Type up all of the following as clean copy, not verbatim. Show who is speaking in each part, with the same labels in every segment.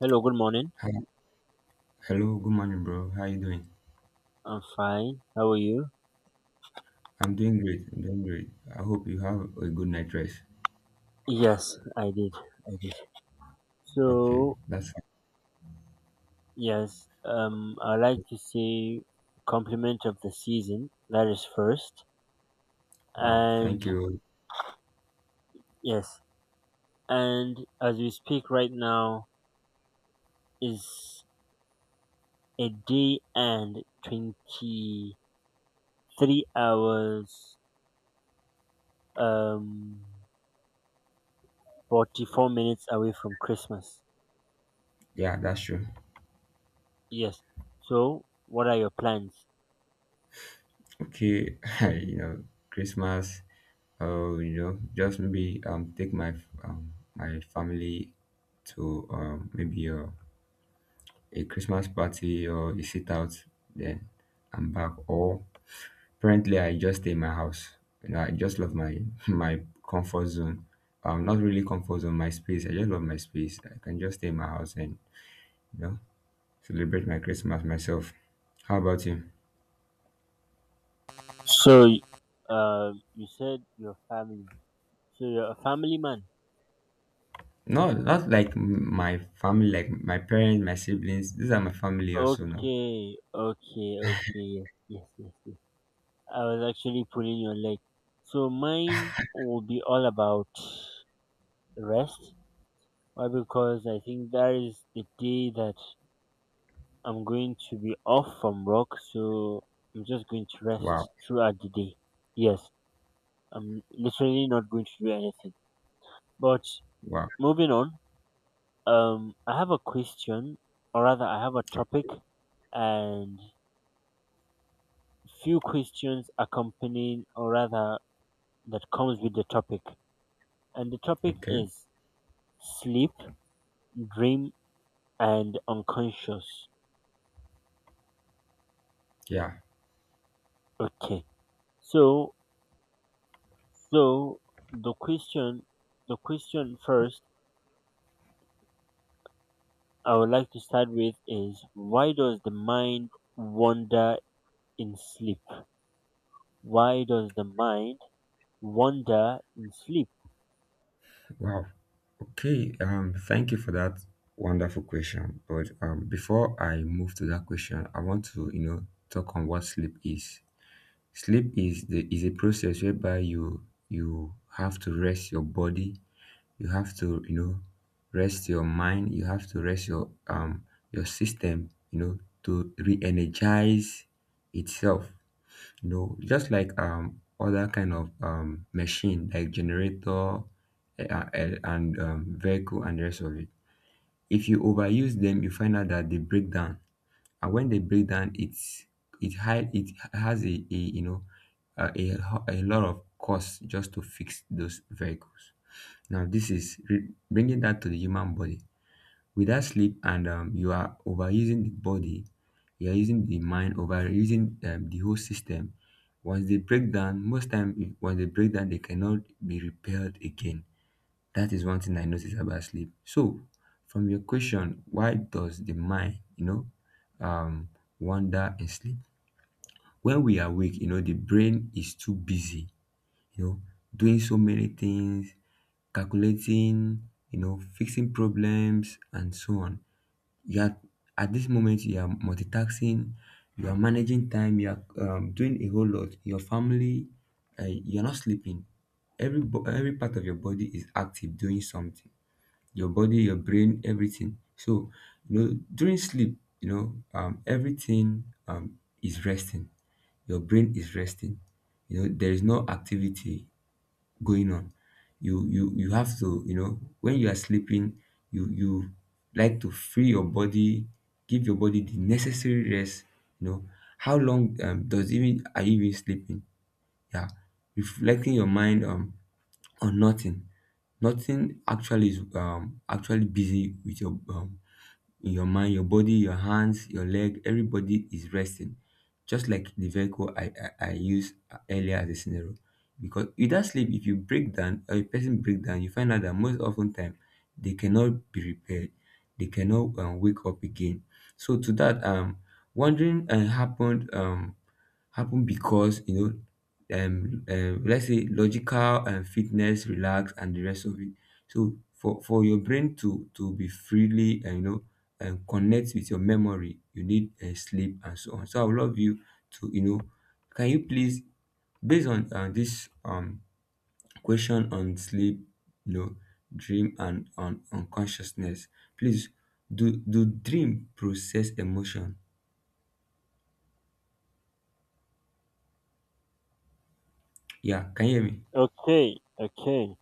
Speaker 1: Hello, good morning.
Speaker 2: Hi, hello, good morning, bro. How you doing?
Speaker 1: I'm fine. How are you?
Speaker 2: I'm doing great. I'm doing great. I hope you have a good night rest.
Speaker 1: Yes, I did. I did.
Speaker 2: Okay,
Speaker 1: So,
Speaker 2: that's
Speaker 1: yes, I like to say compliment of the season. That is first.
Speaker 2: wow.
Speaker 1: And
Speaker 2: Thank you.
Speaker 1: yes, and as we speak right now is a day and 23 hours, um, 44 minutes away from Christmas.
Speaker 2: Yeah, that's true.
Speaker 1: Yes. So, what are your plans?
Speaker 2: Okay, you know, Christmas. Oh, just maybe take my family to maybe a Christmas party or a sit out. Then I'm back, or currently, I just stay in my house. I just love my my comfort zone. Not really comfort zone, my space. I just love my space. I can just stay in my house and you know celebrate my Christmas myself. How about you?
Speaker 1: So, you said your family. So you're a family man.
Speaker 2: No, not like my family, like my parents, my siblings. These are my family also now.
Speaker 1: Okay, okay, okay. Yes, yes, yes, yes. I was actually pulling your leg. So mine will be all about rest. Why? Because I think that is the day that I'm going to be off from work. So I'm just going to
Speaker 2: Wow,
Speaker 1: rest throughout the day. Yes, I'm literally not going to do anything. But
Speaker 2: wow.
Speaker 1: moving on. I have a question, or rather, I have a topic and few questions accompanying, or rather, that comes with the topic. And the topic
Speaker 2: Okay,
Speaker 1: is sleep, dream, and unconscious.
Speaker 2: yeah,
Speaker 1: Okay. So, so, the question, the question first I would like to start with is why does the mind wander in sleep? Why does the mind wander in sleep?
Speaker 2: wow. Okay, thank you for that wonderful question. But before I move to that question, I want to talk on what sleep is. Sleep is a process whereby you have to rest your body, you have to, rest your mind, you have to rest your system, to re-energize itself. Just like other kind of machine like generator, and vehicle and the rest of it. If you overuse them, you find out that they break down, and when they break down it's it high it has a you know a, ho- a lot of cost just to fix those vehicles. Now this is bringing that to the human body. Without sleep, and you are overusing the body, you are using the mind, overusing the whole system. Once they break down, most time, once they break down, they cannot be repaired again. That is one thing I notice about sleep. So, from your question, why does the mind, um, wander in sleep? When we are awake, the brain is too busy, you know, doing so many things, calculating, fixing problems, and so on. Yet, at this moment, you are multitasking, you are managing time, you are doing a whole lot. Your family, you're not sleeping. Every part of your body is active, doing something. Your body, your brain, everything. So, during sleep, everything is resting. Your brain is resting. There is no activity going on. You have to, when you are sleeping, you like to free your body, give your body the necessary rest. You know, how long does even are you even sleeping? Yeah, reflecting your mind or nothing. Nothing actually is actually busy with your in your mind, your body, your hands, your leg, everybody is resting. Just like the vehicle I used earlier as a scenario. Because without sleep, if you break down or a person break down, you find out that most often time they cannot be repaired. They cannot wake up again. So to that, wandering happen because let's say logical and fitness relax and the rest of it. So for your brain to be freely and and connect with your memory, you need sleep and so on. So I would love you to, can you please, based on this question on sleep, you know dream, and on consciousness, please, do dream process emotion? Yeah, can you hear me?
Speaker 1: Okay, okay.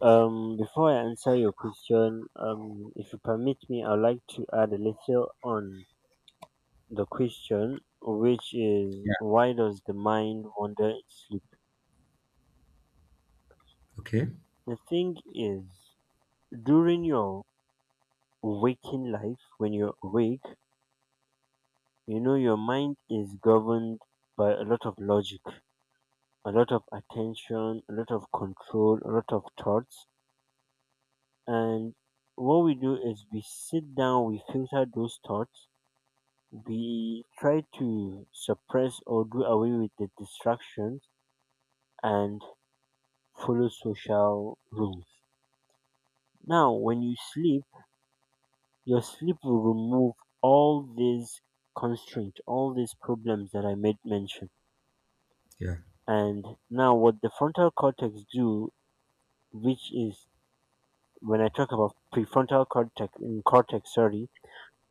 Speaker 1: Before I answer your question, if you permit me, I'd like to add a little on the question, which is
Speaker 2: Yeah.
Speaker 1: why does the mind wander in sleep?
Speaker 2: Okay.
Speaker 1: The thing is, during your waking life, when you're awake, you know, your mind is governed by a lot of logic, a lot of attention, a lot of control, a lot of thoughts. And what we do is we sit down, we filter those thoughts. We try to suppress or do away with the distractions and follow social rules. Now, when you sleep, your sleep will remove all these constraints, all these problems that I made mention.
Speaker 2: Yeah.
Speaker 1: And now, what the frontal cortex do, which is when I talk about prefrontal cortex, cortex, sorry,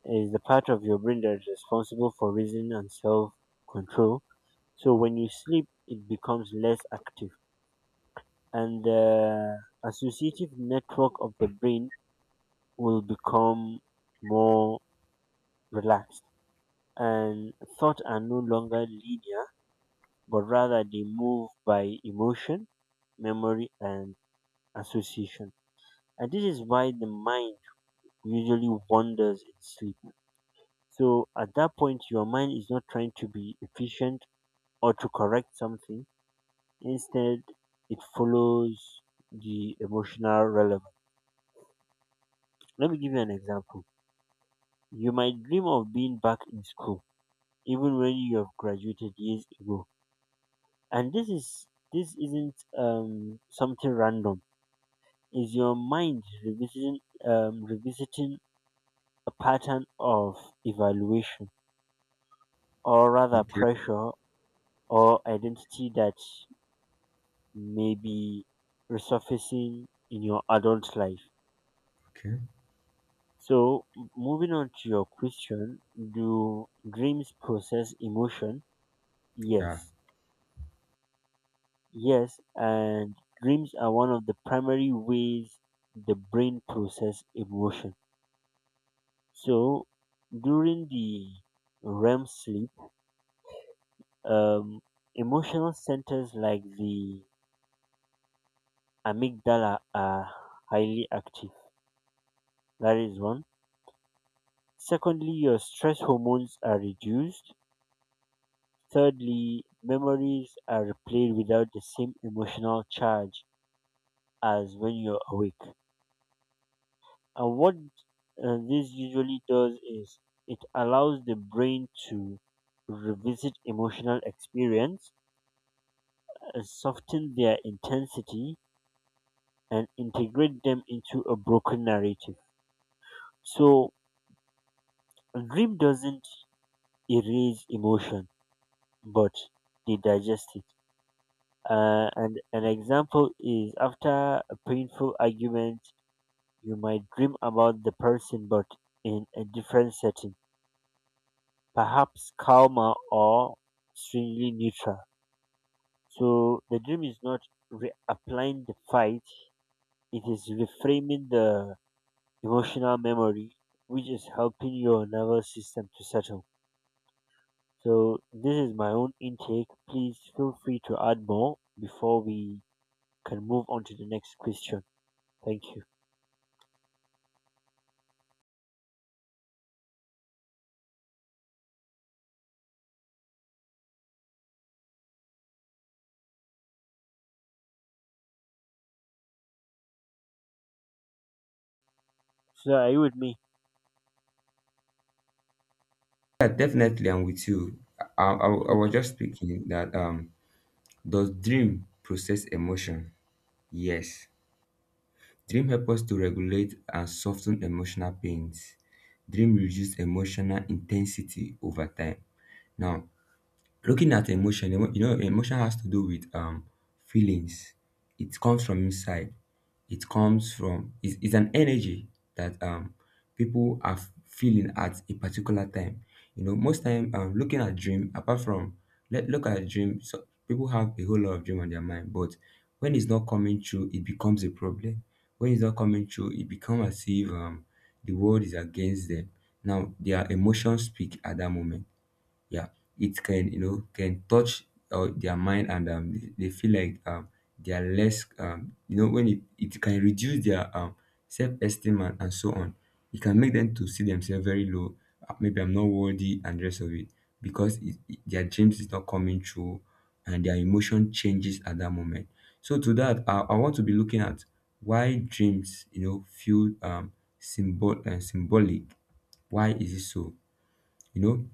Speaker 1: is the part of your brain that is responsible for reason and self-control. So when you sleep, it becomes less active and the associative network of the brain will become more relaxed, and thoughts are no longer linear but rather they move by emotion, memory, and association. And this is why the mind usually wanders in sleep. So at that point, your mind is not trying to be efficient or to correct something. Instead, it follows the emotional relevance. Let me give you an example. You might dream of being back in school, even when you have graduated years ago. And this isn't something random. Is your mind revisiting a pattern of evaluation, or rather
Speaker 2: Okay.
Speaker 1: pressure or identity that may be resurfacing in your adult life?
Speaker 2: Okay.
Speaker 1: So, moving on to your question, do dreams process emotion?
Speaker 2: Yeah.
Speaker 1: Yes. Yes, and dreams are one of the primary ways the brain process emotion. So during the REM sleep, um, emotional centers like the amygdala are highly active. That is one. Secondly, your stress hormones are reduced. Thirdly, memories are replayed without the same emotional charge as when you're awake. And what this usually does is it allows the brain to revisit emotional experience, soften their intensity, and integrate them into a broken narrative. So, a dream doesn't erase emotion, but they digest it. And an example is after a painful argument, you might dream about the person, but in a different setting, perhaps calmer or strangely neutral. So the dream is not reapplying the fight, it is reframing the emotional memory, which is helping your nervous system to settle. So this is my own intake. Please feel free to add more before we can move on to the next question. Thank you. So are you with me?
Speaker 2: Yeah, definitely I'm with you. I was
Speaker 1: Okay.
Speaker 2: just thinking that does dream process emotion? Yes. Dream help us to regulate and soften emotional pains. Dream reduce emotional intensity over time. Now, looking at emotion, emotion has to do with feelings. It comes from inside. It comes from. It's an energy that people are feeling at a particular time. Most time looking at dream, apart from, let look at dream, so people have a whole lot of dream on their mind, but when it's not coming true, it becomes a problem. When it's not coming true, it becomes as if the world is against them. Now their emotions speak at that moment, yeah, it can you know can touch their mind, and they feel like they are less, when it can reduce their self-esteem, and so on. It can make them to see themselves very low, maybe I'm not worthy and rest of it, because their dreams is not coming true, and their emotion changes at that moment. So to that, I want to be looking at why dreams feel symbol and symbolic. Why is it so, you know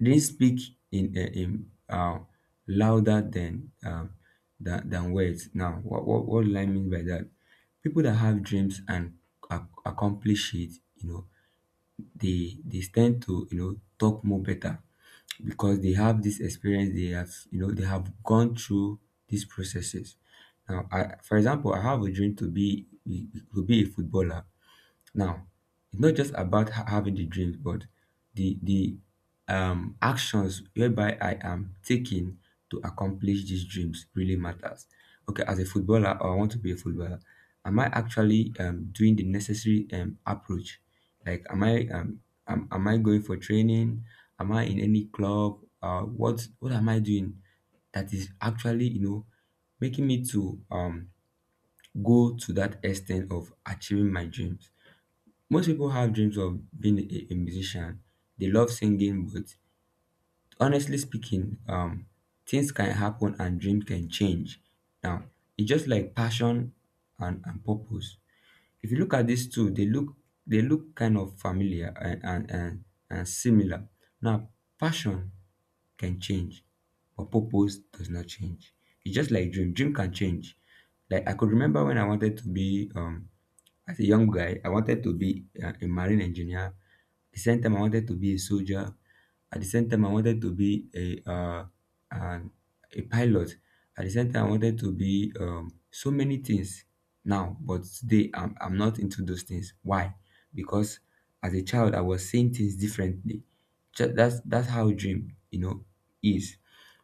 Speaker 2: they speak in louder than words. Now, what do I mean by that? People that have dreams and accomplish it, they tend to talk more better because they have this experience. They have gone through these processes. Now, I, for example, I have a dream to be a footballer now. It's not just about having the dreams, but the actions whereby I am taking to accomplish these dreams really matters. Okay, as a footballer, or I want to be a footballer. Am I actually doing the necessary approach? Like, am I going for training? Am I in any club? What am I doing that is actually making me to go to that extent of achieving my dreams? Most people have dreams of being a musician. They love singing, but honestly speaking, things can happen, and dreams can change. Now, it's just like passion and purpose. If you look at these two, they look kind of familiar and similar. Now, passion can change, but purpose does not change. It's just like dream. Dream can change. Like I could remember when I wanted to be as a young guy, I wanted to be a marine engineer. At the same time, I wanted to be a soldier. At the same time, I wanted to be an, a pilot. At the same time, I wanted to be so many things now, but today I'm not into those things. Why? Because as a child, I was seeing things differently. That's how dream, is.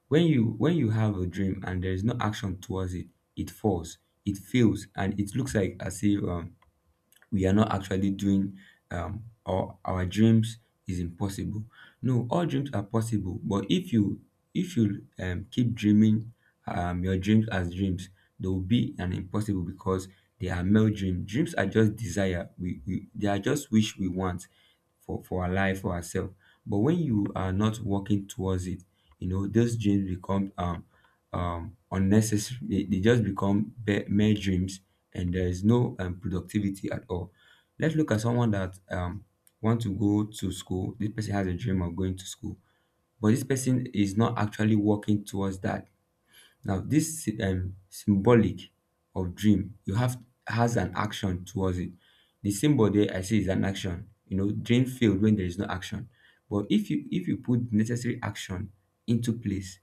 Speaker 2: When you have a dream and there is no action towards it, it falls, it fails, and it looks like as if we are not actually doing, or our dreams is impossible. No, all dreams are possible, but if you keep dreaming your dreams as dreams, they will be an impossible because they are male dreams. Dreams are just desire, we they are just wish we want for our life for ourselves. But when you are not working towards it, those dreams become unnecessary. They just become mere dreams, and there is no productivity at all. Let's look at someone that want to go to school. This person has a dream of going to school, but this person is not actually working towards that. Now this symbolic of dream you have has an action towards it. The symbol there I see is an action. Dream failed when there is no action, but if you put necessary action into place.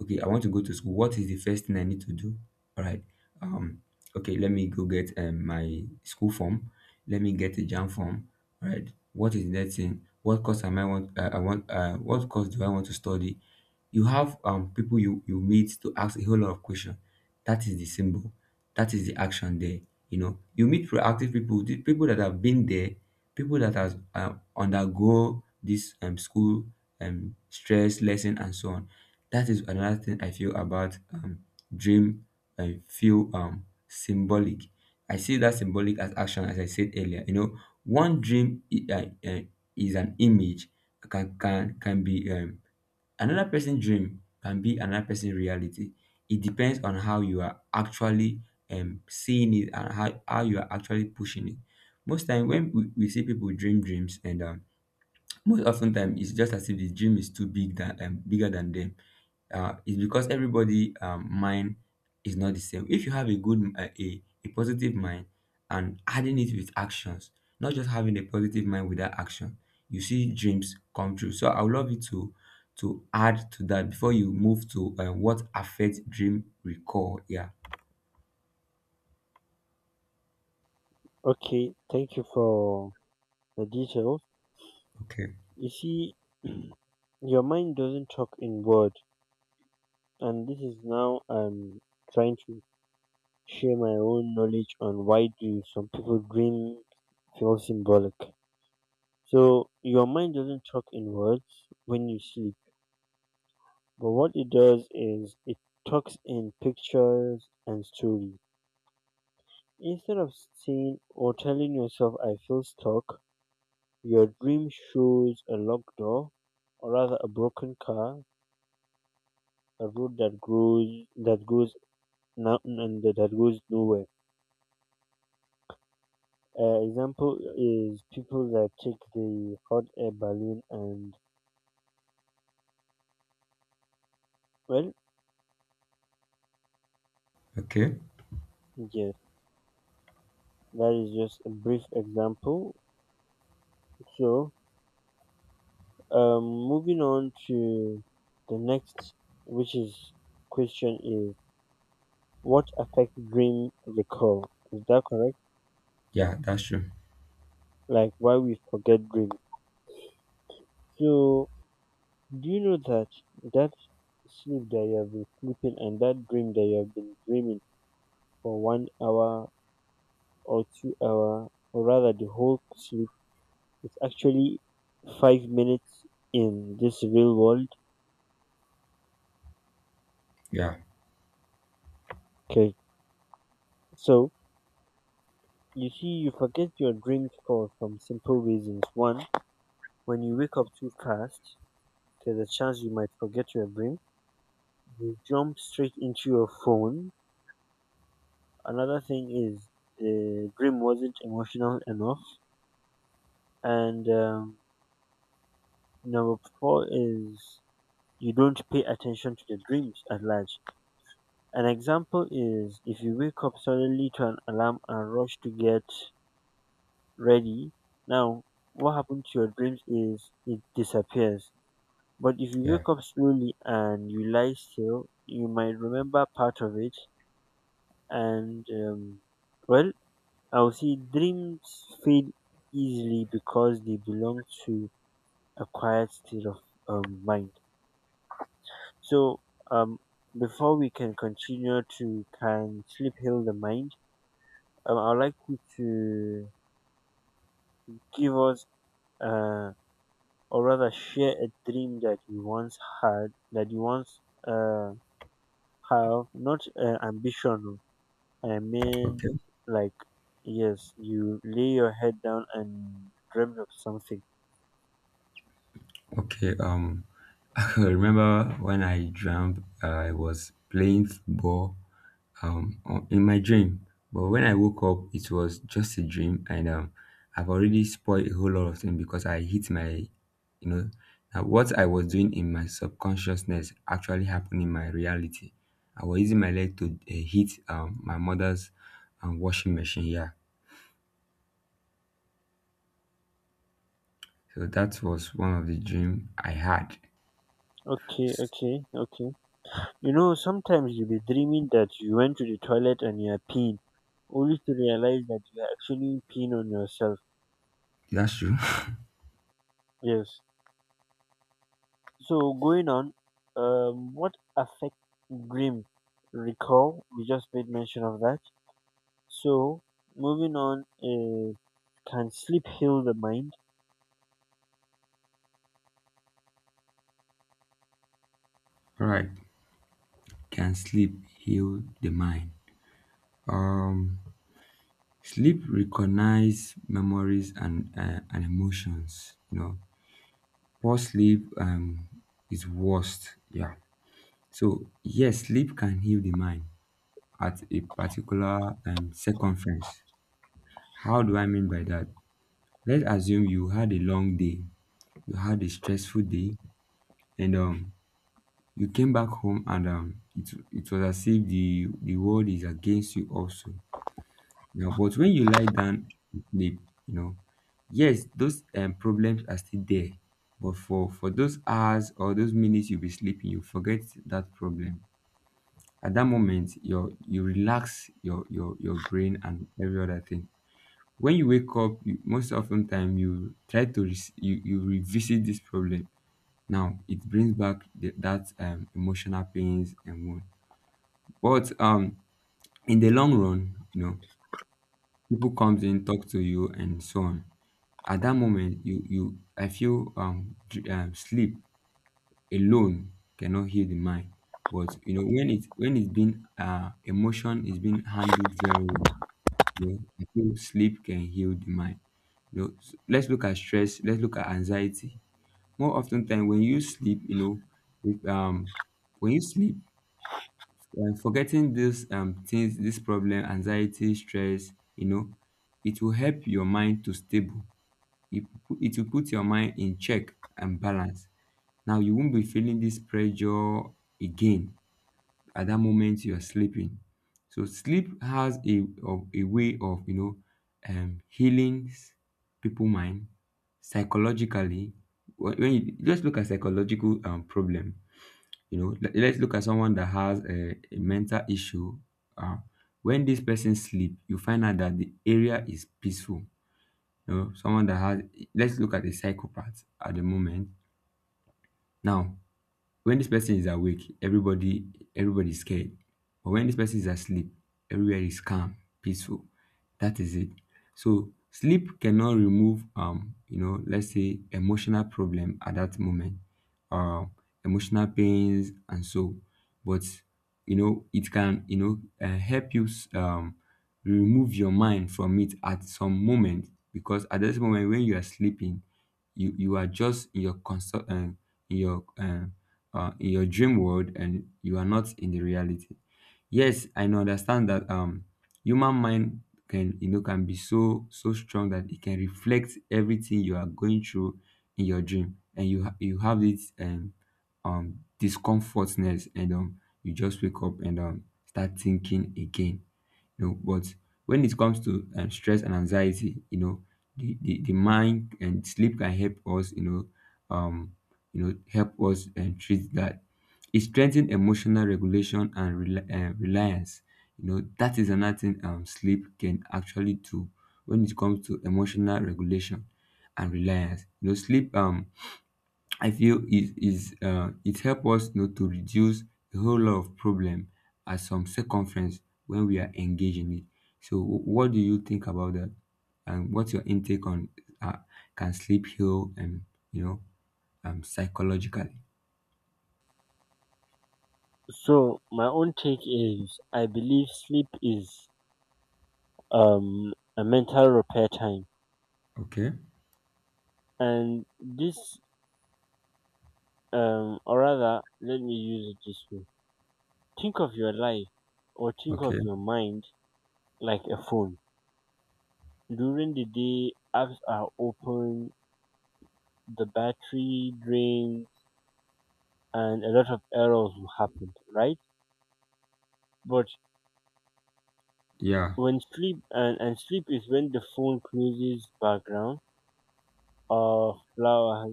Speaker 2: Okay, I want to go to school. What is the first thing I need to do? All right, um okay, let me go get my school form. Let me get a jam form. All right, what is the next thing? What course am I want what course do I want to study? You have people you meet to ask a whole lot of question. That is the symbol, that is the action there. You meet proactive people, the people that have been there, people that has undergo this school stress lesson and so on. That is another thing I feel about dream. I feel symbolic, I see that symbolic as action as I said earlier. One dream is an image, can be another person's dream, can be another person's reality. It depends on how you are actually seeing it and how you are actually pushing it. Most time when we see people dream dreams and most often time it's just as if the dream is too big than bigger than them it's because everybody mind is not the same. If you have a good a positive mind and adding it with actions, not just having a positive mind without action, you see dreams come true. So I would love you to add to that before you move to what affects dream recall. Yeah,
Speaker 1: Okay. Thank you for the details.
Speaker 2: okay.
Speaker 1: You see, your mind doesn't talk in words. And this is now I'm trying to share my own knowledge on why do some people dream feel symbolic. So your mind doesn't talk in words when you sleep, but what it does is it talks in pictures and stories. Instead of saying or telling yourself I feel stuck, your dream shows a locked door, or rather a broken car, a road that grows that goes now and that goes nowhere. Example is people that take the hot air balloon and well,
Speaker 2: Okay,
Speaker 1: yes, that is just a brief example. So, moving on to the next, which is question is what affects dream recall? Is that correct?
Speaker 2: yeah, that's true.
Speaker 1: Like why we forget dream? So, do you know that that sleep that you have been sleeping and that dream that you have been dreaming for 1 hour or 2 hour, or rather the whole sleep, it's actually 5 minutes in this real world.
Speaker 2: Yeah.
Speaker 1: Okay, so you see, you forget your dreams for some simple reasons. One, when you wake up too fast, there's a chance you might forget your dream. You jump straight into your phone. Another thing is the dream wasn't emotional enough. And number four is you don't pay attention to the dreams at large. An example is if you wake up suddenly to an alarm and rush to get ready. Now, what happens to your dreams is it disappears. But if you
Speaker 2: Yeah.
Speaker 1: wake up slowly and you lie still, you might remember part of it. And, well, I'll see dreams fade easily because they belong to a quiet state of mind. So, um, before we can continue to can sleep heal the mind, I'd like you to give us. Uh, or rather share a dream that you once had, that you once uh, have, not ambition. Oh, I mean,
Speaker 2: Okay.
Speaker 1: like, yes, you lay your head down and dreamt of something.
Speaker 2: Okay, I remember when I dreamt I was playing football, in my dream, but when I woke up, it was just a dream, and I've already spoiled a whole lot of things because I hit my, you know, now what I was doing in my subconsciousness actually happened in my reality. I was using my leg to hit my mother's washing machine. Yeah, so that was one of the dream I had.
Speaker 1: Okay, okay, okay. You know, sometimes you'll be dreaming that you went to the toilet and you're peeing, only to realize that you're actually peeing on yourself.
Speaker 2: That's true.
Speaker 1: Yes. So, going on, what affect dream recall? We just made mention of that. So, moving on is can sleep heal the mind?
Speaker 2: All right, can sleep heal the mind? Um. Sleep recognize memories and and emotions. You know, poor sleep is worst. Yeah. So yes, sleep can heal the mind at a particular circumference. How do I mean by that? Let's assume you had a long day, you had a stressful day, and you came back home and it was as if the the world is against you also. Now, but when you lie down to sleep, you know, yes, those problems are still there. But for those hours or those minutes you'll be sleeping, you forget that problem. At that moment, you relax your brain and every other thing. When you wake up, you, most often time you try to you revisit this problem. Now it brings back the, that emotional pains and wound. But In the long run, you know, people comes in, talk to you, and so on. At that moment you I feel sleep alone cannot heal the mind. But you know, when it's been emotion is being handled very well, you know, I feel sleep can heal the mind. You know, let's look at stress, let's look at anxiety. More often time when you sleep, you know, with, um when you sleep, forgetting these things, this problem, anxiety, stress, you know, it will help your mind to stable. It will put your mind in check and balance. Now you won't be feeling this pressure again at that moment you are sleeping. So sleep has a of a way of, you know, healing people mind psychologically. When you just look at psychological problem, you know, let's look at someone that has a mental issue. Uh, when this person sleep, you find out that the area is peaceful. You know, someone that has, let's look at a psychopath at the moment. Now, when this person is awake, everybody is scared. But when this person is asleep, everywhere is calm, peaceful. That is it. So sleep cannot remove you know, let's say emotional problem at that moment, uh, emotional pains and so, but you know, it can, you know, help you remove your mind from it at some moment, because at this moment when you are sleeping, you are just in your consult your uh, in your dream world and you are not in the reality. Yes, I know, understand that human mind can, you know, can be so so strong that it can reflect everything you are going through in your dream, and you have this discomfortness, and you just wake up and start thinking again, you know. But when it comes to stress and anxiety, you know, the mind and sleep can help us, you know, um you know, help us and treat that. It strengthens emotional regulation and reliance. You know, that is another thing sleep can actually do. When it comes to emotional regulation and reliance, you know, sleep, I feel it is it help us, you know, to reduce a whole lot of problem at some circumference when we are engaged in it. So, what do you think about that? And what's your intake on uh, can sleep heal and, you know, psychologically?
Speaker 1: So, my own take is I believe sleep is a mental repair time.
Speaker 2: Okay,
Speaker 1: And this, or rather, let me use it this way, think of your life or think of
Speaker 2: okay,
Speaker 1: your mind like a phone. During the day, apps are open, the battery drains, and a lot of errors will happen, right? But
Speaker 2: yeah,
Speaker 1: when sleep and sleep is when the phone closes background or flower,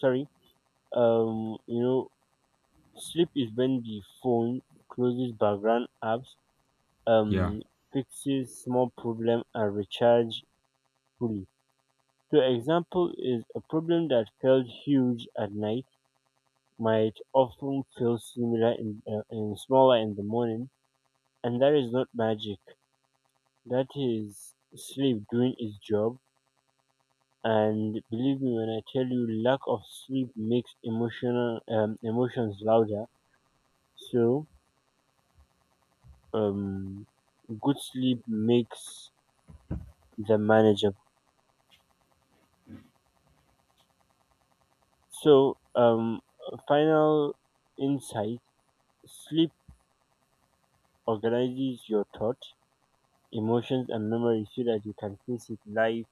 Speaker 1: sorry, um you know sleep is when the phone closes background apps,
Speaker 2: yeah,
Speaker 1: um fixes small problem and recharge fully. So example is a problem that felt huge at night might often feel similar in smaller in the morning, and that is not magic, that is sleep doing its job. And believe me when I tell you, lack of sleep makes emotional emotions louder. So, um, good sleep makes the manageable. So, final insight: sleep organizes your thought, emotions, and memory so that you can face it life.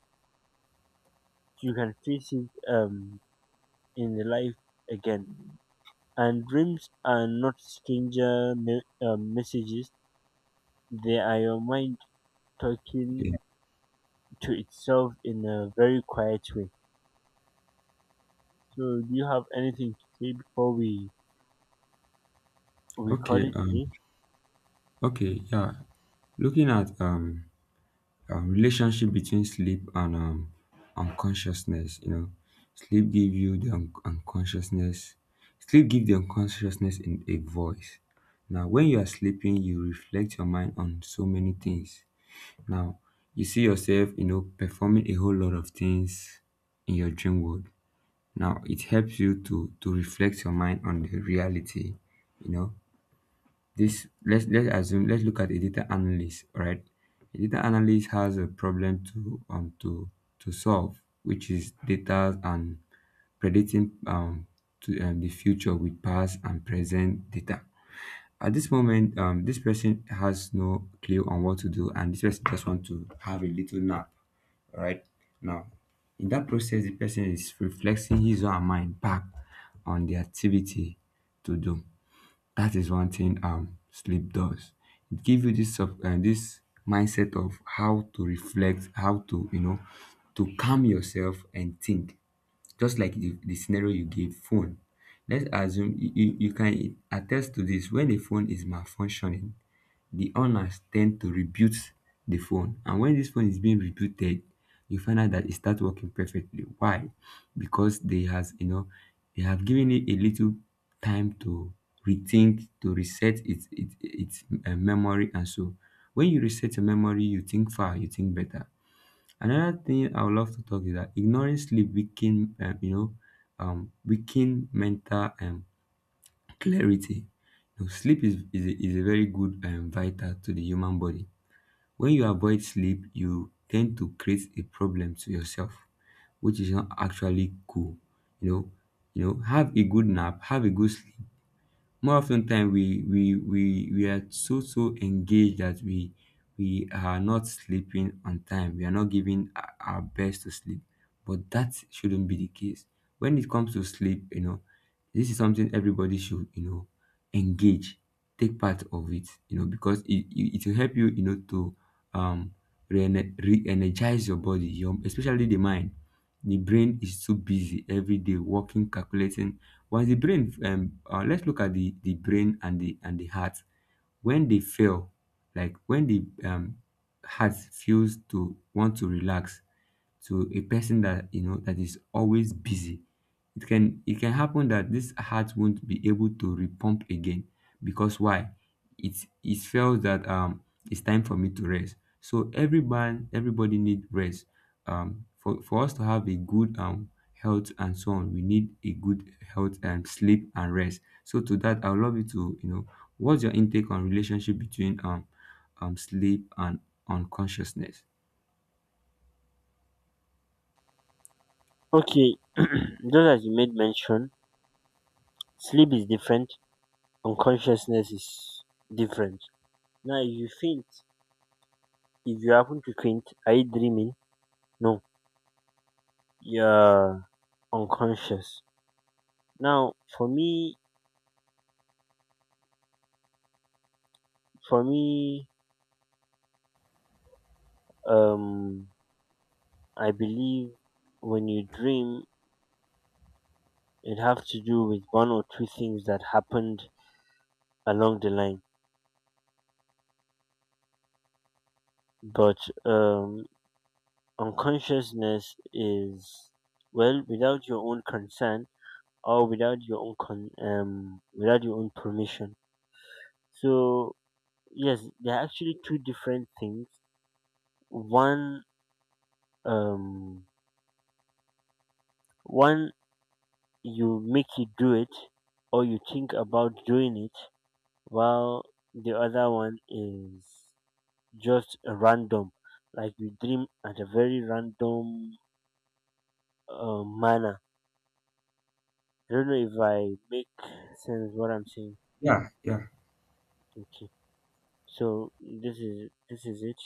Speaker 1: You can face it in the life again. And dreams are not stranger messages; they are your mind
Speaker 2: yeah.
Speaker 1: talking to itself in a very quiet way. So, do you have anything to say before we
Speaker 2: Okay,
Speaker 1: call it a day?
Speaker 2: okay, yeah. Looking at relationship between sleep and and consciousness, you know, sleep give you the unconsciousness. Sleep give the unconsciousness in a voice. Now when you are sleeping, you reflect your mind on so many things. Now you see yourself, you know, performing a whole lot of things in your dream world. Now it helps you to reflect your mind on the reality, you know. This, let's assume, let's look at a data analyst, right? A data analyst has a problem to to solve, which is data and predicting to the future with past and present data. At this moment, this person has no clue on what to do, and this person just want to have a little nap, right? Now, in that process, the person is reflecting his or her mind back on the activity to do. That is one thing sleep does. It gives you this sub this mindset of how to reflect, how to, you know, to calm yourself and think. Just like the scenario you gave, phone. Let's assume you can attest to this. When a phone is malfunctioning, the owners tend to reboot the phone. And when this phone is being rebooted, you find out that it starts working perfectly. Why? Because they has, you know, they have given it a little time to rethink, to reset its memory and so. When you reset your memory, you think far, you think better. Another thing I would love to talk is that ignoring sleep weaken, you know, weaken mental clarity. Now, sleep is a very good and vital to the human body. When you avoid sleep, you tend to create a problem to yourself, which is not actually cool. You know, you know, have a good nap, have a good sleep. More often 10 time we are so so engaged that we are not sleeping on time, we are not giving our best to sleep. But that shouldn't be the case. When it comes to sleep, you know, this is something everybody should, you know, engage, take part of it, you know, because it will help you, you know, to um re-energize your body, your especially the mind. The brain is too busy every day working, calculating. Once the brain, let's look at the brain and the heart. When they fail, like when the heart feels to want to relax, to a person that, you know, that is always busy, it can happen that this heart won't be able to repump again. Because why? it it feels that it's time for me to rest. So every man, everybody need rest, for us to have a good health and so on. We need a good health and sleep and rest. So to that, I would love you to, you know, what's your intake on relationship between sleep and unconsciousness?
Speaker 1: Okay, just as you made mention, sleep is different. Unconsciousness is different. Now, if you faint, if you happen to faint, are you dreaming? No, you're unconscious. Now, for me, for me, um, I believe when you dream, it has to do with one or two things that happened along the line. But um, unconsciousness is well without your own consent or without your own without your own permission. So yes, there are actually two different things. One um, one you make you do it or you think about doing it, while the other one is just random, like you dream at a very random manner. I don't know if I make sense what I'm saying.
Speaker 2: Yeah, yeah,
Speaker 1: Okay, so this is it.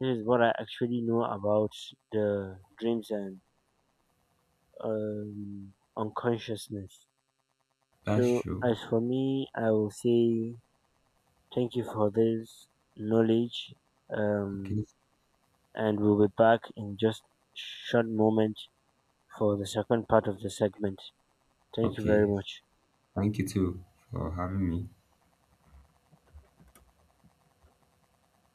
Speaker 1: This is what I actually know about the dreams and unconsciousness.
Speaker 2: that's
Speaker 1: So
Speaker 2: true.
Speaker 1: as for me, I will say thank you for this knowledge, um,
Speaker 2: Okay.
Speaker 1: and we'll be back in just short moment for the second part of the segment. Thank you very
Speaker 2: Okay.
Speaker 1: much.
Speaker 2: Thank you too for having me.